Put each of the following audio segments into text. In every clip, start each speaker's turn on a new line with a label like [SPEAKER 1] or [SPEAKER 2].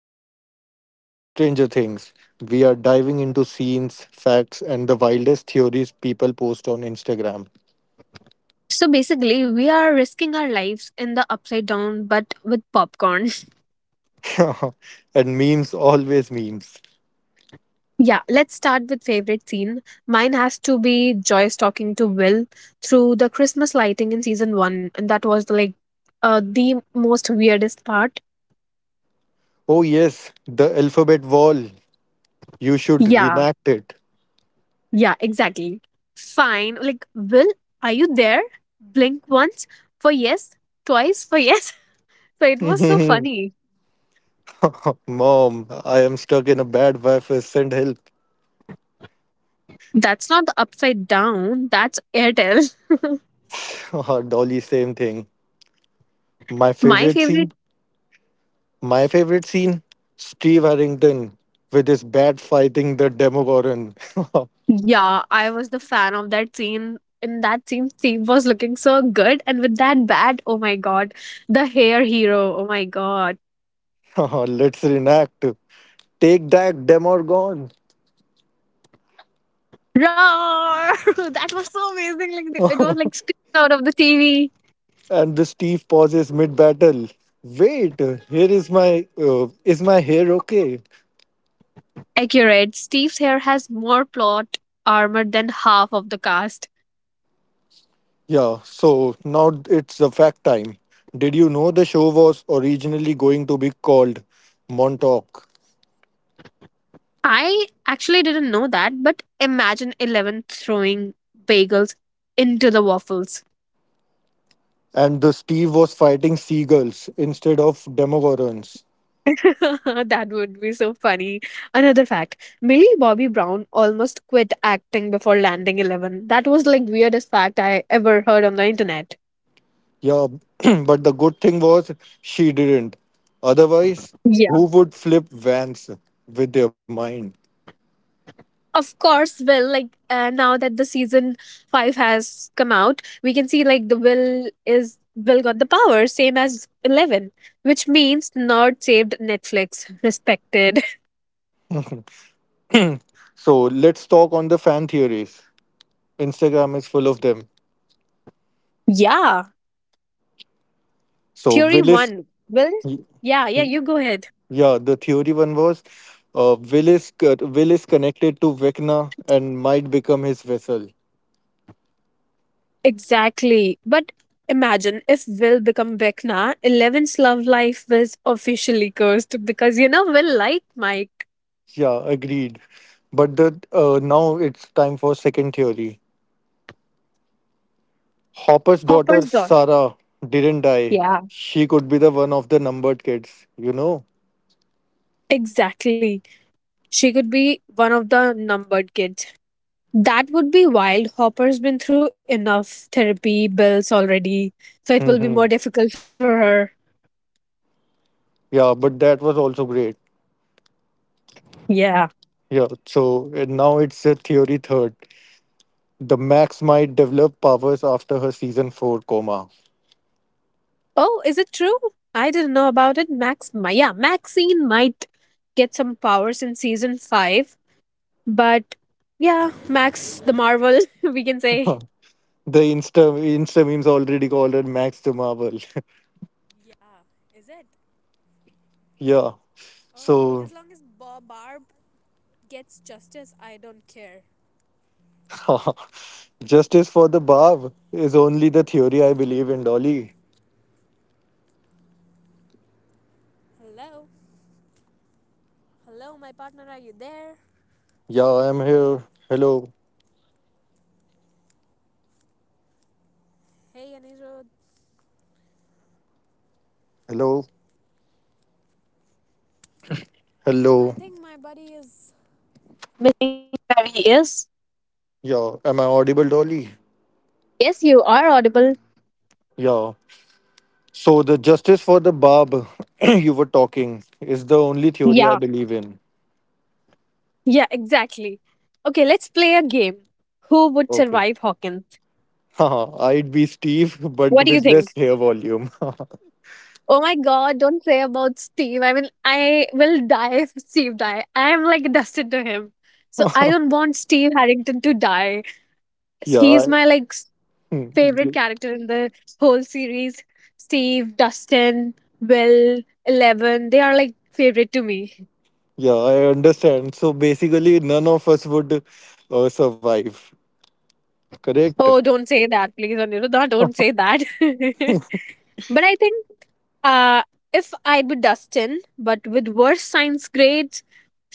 [SPEAKER 1] today's topic is Stranger Things. We are diving into scenes, facts, and the wildest theories people post on Instagram.
[SPEAKER 2] So basically, we are risking our lives in the upside down, but with popcorn.
[SPEAKER 1] and memes, always memes.
[SPEAKER 2] Yeah, let's start with favorite scene. Mine has to be Joyce talking to Will through the Christmas lighting in season one, and that was like the most weirdest part.
[SPEAKER 1] Oh yes, the alphabet wall. You should
[SPEAKER 2] Yeah,
[SPEAKER 1] reenact it.
[SPEAKER 2] yeah, exactly. Fine, like Will, are you there? Blink once for yes, twice for yes. So it was so funny.
[SPEAKER 1] Mom, I am stuck in a bad Wi-Fi. Send help.
[SPEAKER 2] That's not the upside down, that's Airtel.
[SPEAKER 1] Dolly, same thing. My
[SPEAKER 2] My
[SPEAKER 1] favorite
[SPEAKER 2] favorite,
[SPEAKER 1] scene My favorite scene, Steve Harrington with his bat fighting the Demogorgon.
[SPEAKER 2] yeah, I was the fan of that scene. In that scene, Steve was looking so good, and with that bat, oh my god, the hair hero, oh my god,
[SPEAKER 1] Let's reenact. Take that, Demogorgon.
[SPEAKER 2] roar! That was so amazing. Like it was like screaming out of the TV.
[SPEAKER 1] and the Steve pauses mid battle. Wait, here is my. Is my hair okay?
[SPEAKER 2] Accurate. Steve's hair has more plot armor than half of the cast.
[SPEAKER 1] Yeah, so now it's the fact time. Did you know the show was originally going to be called Montauk?
[SPEAKER 2] I actually didn't know that, but imagine Eleven throwing bagels into the waffles.
[SPEAKER 1] And the Steve was fighting seagulls instead of demogorgons.
[SPEAKER 2] That would be so funny. Another fact, Millie Bobby Brown almost quit acting before landing Eleven. That was like weirdest fact I ever heard on the internet.
[SPEAKER 1] Yeah, but the good thing was she didn't. Otherwise,
[SPEAKER 2] Yeah.
[SPEAKER 1] who would flip vans with their mind?
[SPEAKER 2] Of course, Will, like now that the season 5 has come out, we can see like the Will got the power, same as Eleven, which means Nerd saved Netflix. Respected.
[SPEAKER 1] So let's talk on the fan theories. Instagram is full of them.
[SPEAKER 2] Yeah.
[SPEAKER 1] So
[SPEAKER 2] Theory one, Will?
[SPEAKER 1] Yeah,
[SPEAKER 2] Yeah, yeah, you go ahead.
[SPEAKER 1] the theory one was Willis connected to Vecna and might become his vessel.
[SPEAKER 2] Exactly. But imagine if Will become Vecna, Eleven's love life was officially cursed because you know Will liked Mike.
[SPEAKER 1] Yeah, agreed. But the now it's time for second theory. Hopper's daughter
[SPEAKER 2] Hopper's daughter.
[SPEAKER 1] Sarah didn't die.
[SPEAKER 2] Yeah.
[SPEAKER 1] She could be the one of the numbered kids, you know.
[SPEAKER 2] Exactly. She could be one of the numbered kids. That would be wild. Hopper's been through enough therapy bills already. So it will be
[SPEAKER 1] Hmm
[SPEAKER 2] more difficult for her.
[SPEAKER 1] Yeah, but that was also great.
[SPEAKER 2] Yeah.
[SPEAKER 1] Yeah, so and now it's a theory third. The Max might develop powers after her season four coma.
[SPEAKER 2] Oh, is it true? I didn't know about it. Max, yeah, Maxine might get some powers in season five, but yeah, Max the Marvel, we can say.
[SPEAKER 1] the Insta Insta memes already called her Max the Marvel. yeah, so justice for the Barb is only the theory I believe in, Dolly. Yeah, I am here. Hello, hello, hello. Yeah, am I audible, Dolly?
[SPEAKER 2] Yes, you are audible.
[SPEAKER 1] Yeah. So the justice for the Bab you were talking is the only theory I
[SPEAKER 2] Yeah,
[SPEAKER 1] believe in.
[SPEAKER 2] yeah, exactly. Okay, let's play a game. Who would
[SPEAKER 1] Okay.
[SPEAKER 2] survive Hawkins?
[SPEAKER 1] Haha, I'd be Steve,
[SPEAKER 2] What do
[SPEAKER 1] but
[SPEAKER 2] you
[SPEAKER 1] with
[SPEAKER 2] think?
[SPEAKER 1] less hair volume.
[SPEAKER 2] Oh my god, don't say about Steve. I mean, I will die if Steve die. I am like dusted to him. So I don't want Steve Harrington to die.
[SPEAKER 1] yeah.
[SPEAKER 2] He
[SPEAKER 1] I,
[SPEAKER 2] is my like
[SPEAKER 1] Hmm.
[SPEAKER 2] favorite
[SPEAKER 1] y-
[SPEAKER 2] character in the whole series. Steve, Dustin, Will, Eleven, they are like favorite to me.
[SPEAKER 1] yeah, I understand. So basically, none of us would survive. Correct?
[SPEAKER 2] Oh, don't say that, please, Aniruddha. Don't say that. But I think Uh, if I'd be Dustin, but with worse science grades,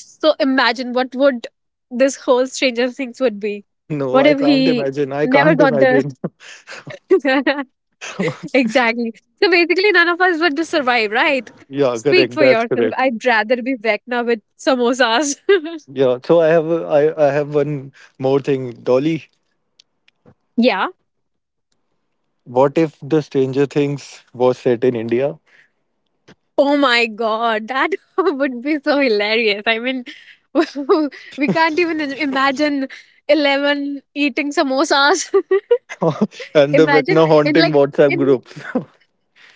[SPEAKER 2] so imagine what would this whole Stranger Things would be.
[SPEAKER 1] No,
[SPEAKER 2] What
[SPEAKER 1] I
[SPEAKER 2] if he
[SPEAKER 1] can't imagine. I
[SPEAKER 2] never
[SPEAKER 1] can't
[SPEAKER 2] got the
[SPEAKER 1] imagine.
[SPEAKER 2] exactly? So basically, none of us would survive, right?
[SPEAKER 1] yeah,
[SPEAKER 2] Speak
[SPEAKER 1] correct.
[SPEAKER 2] for
[SPEAKER 1] That's
[SPEAKER 2] yourself.
[SPEAKER 1] correct.
[SPEAKER 2] I'd rather be Vecna with samosas.
[SPEAKER 1] Yeah. So I have one more thing, Dolly.
[SPEAKER 2] Yeah.
[SPEAKER 1] What if the Stranger Things was set in India?
[SPEAKER 2] Oh my god, that would be so hilarious. I mean, we can't even imagine Eleven eating samosas.
[SPEAKER 1] and the
[SPEAKER 2] Imagine
[SPEAKER 1] Vecna
[SPEAKER 2] in
[SPEAKER 1] haunting
[SPEAKER 2] like
[SPEAKER 1] WhatsApp
[SPEAKER 2] in,
[SPEAKER 1] groups?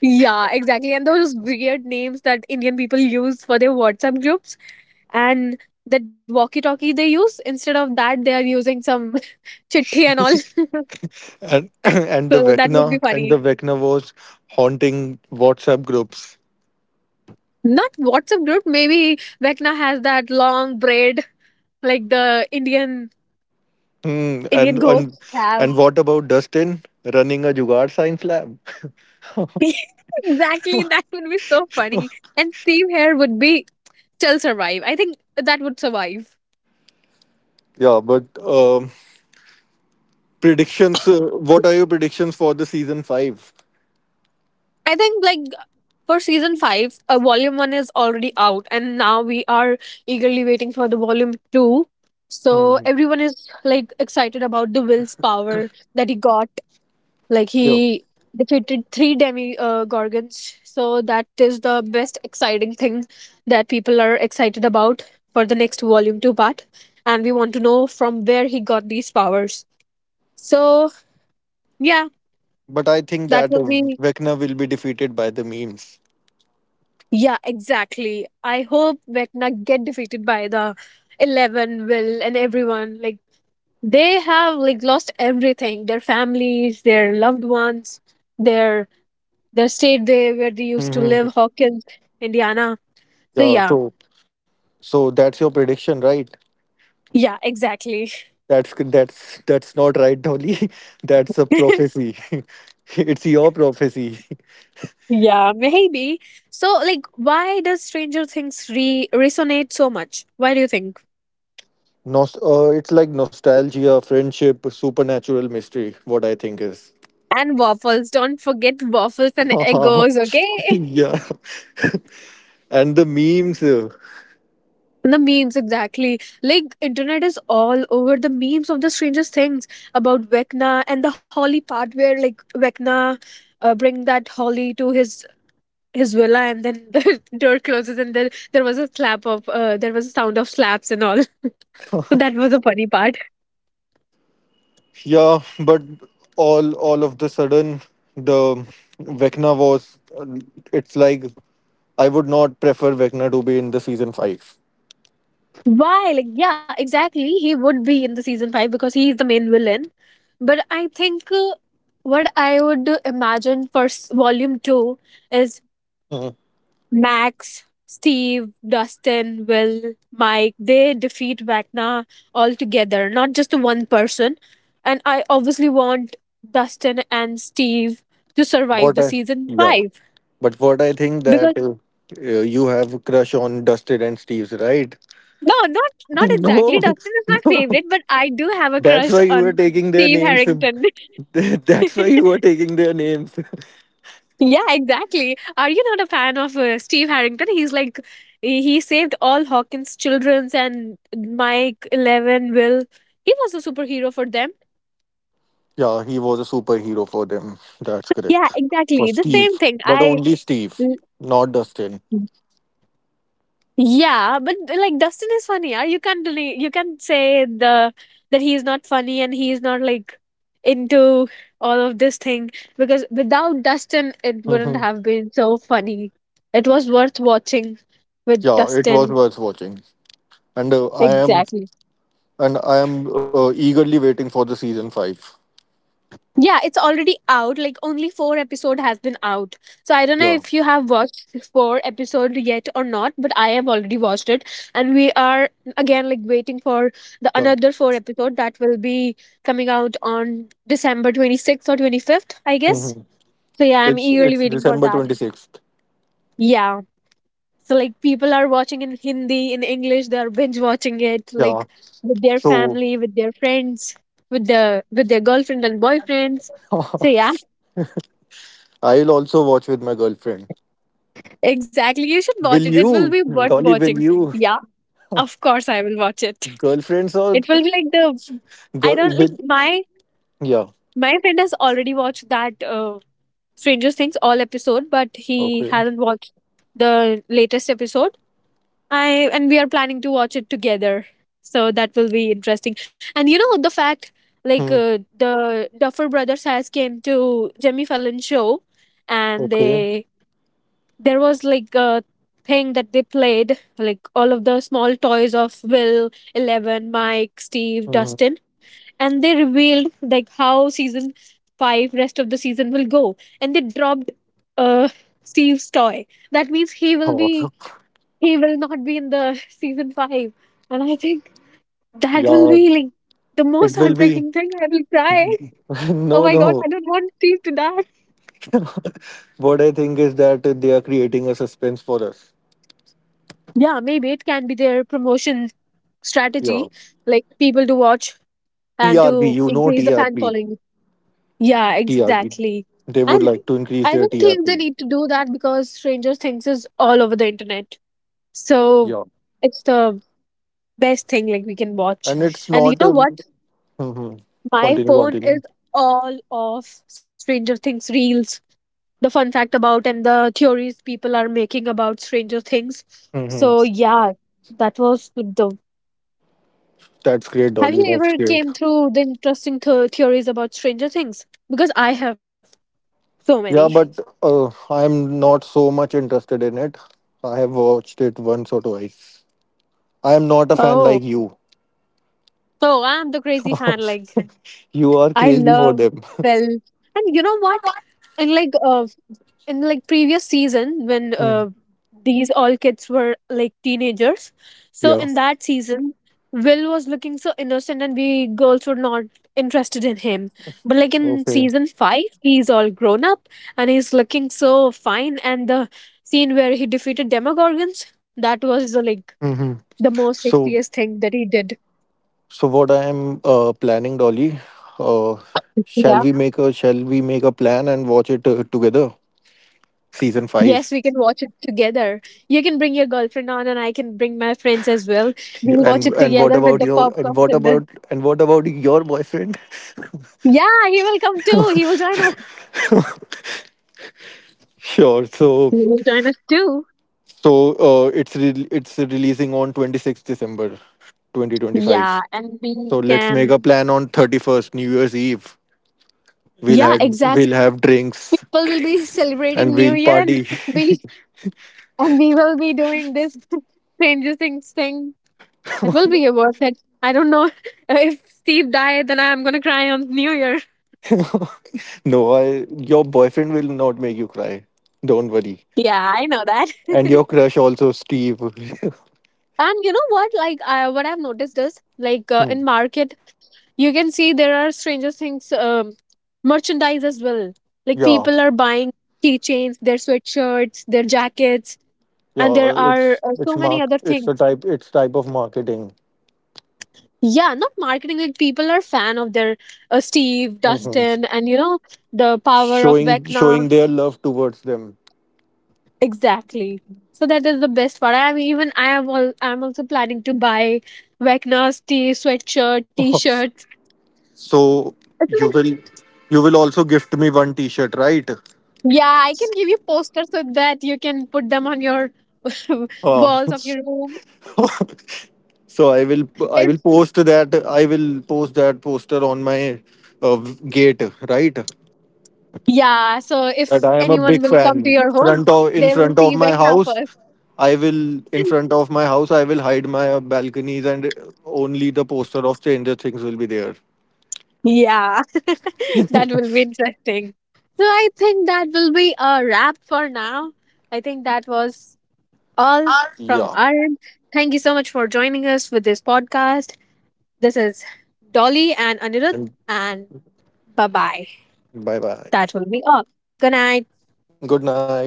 [SPEAKER 2] yeah, exactly. And those weird names that Indian people use for their WhatsApp groups and that walkie-talkie they use instead of that they are using some chitti and all.
[SPEAKER 1] and and the
[SPEAKER 2] So that
[SPEAKER 1] Vecna
[SPEAKER 2] would be
[SPEAKER 1] and the
[SPEAKER 2] funny.
[SPEAKER 1] Vecna was haunting WhatsApp groups.
[SPEAKER 2] Not WhatsApp group, maybe Vecna has that long braid like the Indian
[SPEAKER 1] Hmm.
[SPEAKER 2] Indian
[SPEAKER 1] And
[SPEAKER 2] ghosts have.
[SPEAKER 1] and what about Dustin running a Jugaad science lab?
[SPEAKER 2] Exactly, that would be so funny. And Steve here would be still survive. I think that would survive.
[SPEAKER 1] yeah, but Predictions. What are your predictions for the season 5?
[SPEAKER 2] I think like for season 5, volume 1 is already out, and now we are eagerly waiting for the volume 2. So
[SPEAKER 1] Hmm
[SPEAKER 2] everyone is like excited about the Will's power that he got, like he
[SPEAKER 1] Yeah,
[SPEAKER 2] defeated three demi gorgons. So that is the best exciting thing that people are excited about for the next volume 2 part. And we want to know from where he got these powers. So yeah,
[SPEAKER 1] but I think
[SPEAKER 2] that
[SPEAKER 1] that
[SPEAKER 2] will be
[SPEAKER 1] Vecna will be defeated by the memes.
[SPEAKER 2] Yeah, exactly. I hope Vecna get defeated by the Eleven, Will, and everyone. Like they have like lost everything: their families, their loved ones, their their state they where they used to
[SPEAKER 1] Hmm
[SPEAKER 2] live, Hawkins, Indiana. So
[SPEAKER 1] Yeah.
[SPEAKER 2] yeah,
[SPEAKER 1] So So that's your prediction, right?
[SPEAKER 2] yeah, exactly.
[SPEAKER 1] That's not right, Dolly. That's a prophecy. it's your prophecy.
[SPEAKER 2] Yeah, maybe. So like, why does Stranger Things re resonate so much? Why do you think?
[SPEAKER 1] It's like nostalgia, friendship, supernatural mystery. What I think is.
[SPEAKER 2] And waffles. Don't forget waffles and egos. Okay.
[SPEAKER 1] yeah, and the memes.
[SPEAKER 2] The memes, exactly. Like internet is all over the memes of the strangest things about Vecna and the Holly part where like Vecna bring that Holly to his villa, and then the door closes, and then there was a slap of there was a sound of slaps and all. So that was a funny part.
[SPEAKER 1] Yeah, but all of the sudden, the Vecna was. It's like I would not prefer Vecna to be in the season five.
[SPEAKER 2] Why? Like yeah, exactly. He would be in the season five because he is the main villain. But I think what I would imagine for volume two is
[SPEAKER 1] Mhm.
[SPEAKER 2] Max, Steve, Dustin, Will, Mike, they defeat Vecna altogether, not just to one person. And I obviously want Dustin and Steve to survive
[SPEAKER 1] What?
[SPEAKER 2] the
[SPEAKER 1] I,
[SPEAKER 2] season
[SPEAKER 1] yeah.
[SPEAKER 2] five.
[SPEAKER 1] But what I think that,
[SPEAKER 2] Because
[SPEAKER 1] you have a crush on Dustin and Steve's, right?
[SPEAKER 2] no, not
[SPEAKER 1] no,
[SPEAKER 2] exactly. Dustin is my
[SPEAKER 1] no.
[SPEAKER 2] favorite, but I do have a
[SPEAKER 1] That's
[SPEAKER 2] crush
[SPEAKER 1] why you were
[SPEAKER 2] on
[SPEAKER 1] taking their
[SPEAKER 2] Steve
[SPEAKER 1] names.
[SPEAKER 2] Harrington.
[SPEAKER 1] That's why you were taking their names.
[SPEAKER 2] Yeah, exactly. Are you not a fan of Steve Harrington? He's like, he saved all Hawkins' children's and Mike, Eleven, Will. He was a superhero for them.
[SPEAKER 1] yeah, he was a superhero for them. That's
[SPEAKER 2] Yeah,
[SPEAKER 1] correct. For
[SPEAKER 2] exactly. The same
[SPEAKER 1] Steve,
[SPEAKER 2] thing.
[SPEAKER 1] but
[SPEAKER 2] I.
[SPEAKER 1] only Steve, not Dustin.
[SPEAKER 2] Yeah, but like Dustin is funny. Yeah, you can't you can't say the that he is not funny and he is not like into all of this thing because without Dustin, it wouldn't
[SPEAKER 1] Hmm
[SPEAKER 2] have been so funny. It was worth watching with
[SPEAKER 1] Yeah, it was
[SPEAKER 2] Dustin.
[SPEAKER 1] worth watching, and
[SPEAKER 2] Exactly.
[SPEAKER 1] I am eagerly waiting for the season five.
[SPEAKER 2] Yeah, it's already out. Like only four episode has been out. So I don't know
[SPEAKER 1] Yeah,
[SPEAKER 2] if you have watched four episode yet or not, but I have already watched it, and we are again like waiting for the
[SPEAKER 1] yeah.
[SPEAKER 2] another four episode that be coming out on December 26th or 25th, I guess.
[SPEAKER 1] hmm
[SPEAKER 2] So yeah, I'm
[SPEAKER 1] It's
[SPEAKER 2] eagerly waiting for
[SPEAKER 1] December
[SPEAKER 2] that.
[SPEAKER 1] 26th.
[SPEAKER 2] Yeah. So like people are watching in Hindi, in English, they are binge watching it
[SPEAKER 1] Yeah.
[SPEAKER 2] like with their
[SPEAKER 1] So
[SPEAKER 2] family, with their friends, with their girlfriend and boyfriends. So yeah.
[SPEAKER 1] I'll also watch with my girlfriend.
[SPEAKER 2] Exactly. You should watch it.
[SPEAKER 1] Will
[SPEAKER 2] It will
[SPEAKER 1] you,
[SPEAKER 2] be worth
[SPEAKER 1] Dolly? Will
[SPEAKER 2] watching.
[SPEAKER 1] you,
[SPEAKER 2] Yeah, of course I will watch it.
[SPEAKER 1] girlfriends or
[SPEAKER 2] It will be like the I
[SPEAKER 1] girl?
[SPEAKER 2] don't like
[SPEAKER 1] Will,
[SPEAKER 2] my
[SPEAKER 1] yeah.
[SPEAKER 2] my friend has already watched that Stranger Things all episode, but he
[SPEAKER 1] Okay.
[SPEAKER 2] hasn't watched the latest episode. I and we are planning to watch it together. So that will be interesting. And you know the fact like
[SPEAKER 1] Hmm.
[SPEAKER 2] the Duffer brothers has came to Jimmy Fallon show, and
[SPEAKER 1] Okay.
[SPEAKER 2] they there was like a thing that they played like all of the small toys of Will, Eleven, Mike, Steve,
[SPEAKER 1] Hmm.
[SPEAKER 2] Dustin, and they revealed like how season 5 rest of the season will go, and they dropped uh Steve's toy. That means he will
[SPEAKER 1] Oh,
[SPEAKER 2] be he will not be in the season 5. And I think that will
[SPEAKER 1] yeah.
[SPEAKER 2] be like the most
[SPEAKER 1] It will be.
[SPEAKER 2] heartbreaking thing. I will cry. Oh
[SPEAKER 1] No,
[SPEAKER 2] my god,
[SPEAKER 1] no.
[SPEAKER 2] I don't want Steve to die.
[SPEAKER 1] What I think is that they are creating a suspense for us.
[SPEAKER 2] Yeah, maybe it can be their promotion
[SPEAKER 1] Yeah.
[SPEAKER 2] strategy like people to watch and
[SPEAKER 1] TRP.
[SPEAKER 2] to
[SPEAKER 1] You know
[SPEAKER 2] increase the fan
[SPEAKER 1] TRP.
[SPEAKER 2] following. Yeah,
[SPEAKER 1] TRP.
[SPEAKER 2] exactly.
[SPEAKER 1] They
[SPEAKER 2] And
[SPEAKER 1] would like to
[SPEAKER 2] I
[SPEAKER 1] increase their
[SPEAKER 2] don't think they
[SPEAKER 1] TRP.
[SPEAKER 2] need to do that because Stranger Things is all over the internet.
[SPEAKER 1] Yeah.
[SPEAKER 2] So it's the best thing like we can
[SPEAKER 1] And
[SPEAKER 2] watch.
[SPEAKER 1] it's
[SPEAKER 2] And you
[SPEAKER 1] not. A,
[SPEAKER 2] know what?
[SPEAKER 1] Mhm.
[SPEAKER 2] My
[SPEAKER 1] continue,
[SPEAKER 2] phone
[SPEAKER 1] continue.
[SPEAKER 2] is all of Stranger Things reels, the fun fact about and the theories people are making about Stranger Things.
[SPEAKER 1] Hmm
[SPEAKER 2] So yeah, that was the
[SPEAKER 1] That's great,
[SPEAKER 2] have
[SPEAKER 1] Dolly.
[SPEAKER 2] you
[SPEAKER 1] That's
[SPEAKER 2] ever
[SPEAKER 1] great.
[SPEAKER 2] came through the interesting theories about Stranger Things? Because I have so many.
[SPEAKER 1] Yeah, but I'm not so much interested in it. I have watched it once or twice. I am not a fan
[SPEAKER 2] Oh,
[SPEAKER 1] like you.
[SPEAKER 2] so I'm the crazy fan. Like
[SPEAKER 1] you are
[SPEAKER 2] I
[SPEAKER 1] crazy for
[SPEAKER 2] love
[SPEAKER 1] them.
[SPEAKER 2] Belle, and you know what? In like uh, in like previous season when
[SPEAKER 1] Mm,
[SPEAKER 2] these all kids were like teenagers, so
[SPEAKER 1] Yeah.
[SPEAKER 2] in that season, Will was looking so innocent, and we girls were not interested in him. But like in
[SPEAKER 1] Okay.
[SPEAKER 2] season five, he's all grown up, and he's looking so fine. And the scene where he defeated Demogorgons, that was like
[SPEAKER 1] hmm
[SPEAKER 2] the most
[SPEAKER 1] So,
[SPEAKER 2] sexiest thing that he did.
[SPEAKER 1] so what I am planning, Dolly, uh,
[SPEAKER 2] Yeah.
[SPEAKER 1] shall we make a plan and watch it together? Season
[SPEAKER 2] Yes,
[SPEAKER 1] five.
[SPEAKER 2] we can watch it together. You can bring your girlfriend on, and I can bring my friends as well.
[SPEAKER 1] Yeah.
[SPEAKER 2] We'll watch it together with the popcorn and the.
[SPEAKER 1] And what about your boyfriend?
[SPEAKER 2] Yeah, he will come too. He will join us.
[SPEAKER 1] Sure. So
[SPEAKER 2] He will join us too.
[SPEAKER 1] It's releasing on 26th December
[SPEAKER 2] Yeah,
[SPEAKER 1] 2025.
[SPEAKER 2] and we
[SPEAKER 1] So let's make
[SPEAKER 2] can.
[SPEAKER 1] a plan on 31st, New Year's Eve.
[SPEAKER 2] Yeah, exactly.
[SPEAKER 1] We'll have drinks
[SPEAKER 2] People will be
[SPEAKER 1] and
[SPEAKER 2] celebrating New
[SPEAKER 1] we'll
[SPEAKER 2] Year, and
[SPEAKER 1] party.
[SPEAKER 2] will be we will be doing this Stranger Things thing. It will be worth it. I don't know if Steve died, then I'm gonna cry on New Year.
[SPEAKER 1] no, your boyfriend will not make you cry. Don't worry.
[SPEAKER 2] Yeah, I know that.
[SPEAKER 1] And your crush also Steve.
[SPEAKER 2] And you know what like what I've noticed is like
[SPEAKER 1] Hmm.
[SPEAKER 2] in market, you can see there are Stranger Things merchandise as well, like
[SPEAKER 1] Yeah.
[SPEAKER 2] people are buying keychains, their sweatshirts, their jackets, and
[SPEAKER 1] Yeah,
[SPEAKER 2] there are
[SPEAKER 1] it's
[SPEAKER 2] so many
[SPEAKER 1] mark
[SPEAKER 2] other
[SPEAKER 1] it's the
[SPEAKER 2] things.
[SPEAKER 1] type it's type of marketing.
[SPEAKER 2] Yeah, not marketing, like people are fan of their Steve,
[SPEAKER 1] Mhm.
[SPEAKER 2] Dustin, and you know the power of
[SPEAKER 1] Showing,
[SPEAKER 2] Vecna.
[SPEAKER 1] showing their love towards them.
[SPEAKER 2] Exactly, so that is the best part. I am even i am all i'm also planning to buy Vecna's t sweatshirt t-shirts.
[SPEAKER 1] So
[SPEAKER 2] It's
[SPEAKER 1] you
[SPEAKER 2] like
[SPEAKER 1] will you will also gift me one T-shirt, right?
[SPEAKER 2] Yeah, I can give you posters so that you can put them on your
[SPEAKER 1] Uh,
[SPEAKER 2] walls of your room.
[SPEAKER 1] so
[SPEAKER 2] If
[SPEAKER 1] I will post that poster on my uh, gate, right?
[SPEAKER 2] Yeah, so
[SPEAKER 1] That
[SPEAKER 2] if
[SPEAKER 1] I am a
[SPEAKER 2] anyone
[SPEAKER 1] big
[SPEAKER 2] will come to
[SPEAKER 1] fan.
[SPEAKER 2] your home,
[SPEAKER 1] Front of In
[SPEAKER 2] they will
[SPEAKER 1] front of
[SPEAKER 2] see
[SPEAKER 1] my
[SPEAKER 2] Vecna
[SPEAKER 1] house,
[SPEAKER 2] first.
[SPEAKER 1] I will in front of my house I will hide my balconies and only the poster of Stranger Things will be there.
[SPEAKER 2] Yeah, that will be interesting. So I think that will be a wrap for now. I think that was all from
[SPEAKER 1] Yeah.
[SPEAKER 2] our end. Thank you so much for joining us with this podcast. This is Dolly and Anirudh,
[SPEAKER 1] And
[SPEAKER 2] and bye bye.
[SPEAKER 1] bye bye.
[SPEAKER 2] That will be all. Good night.
[SPEAKER 1] Good night.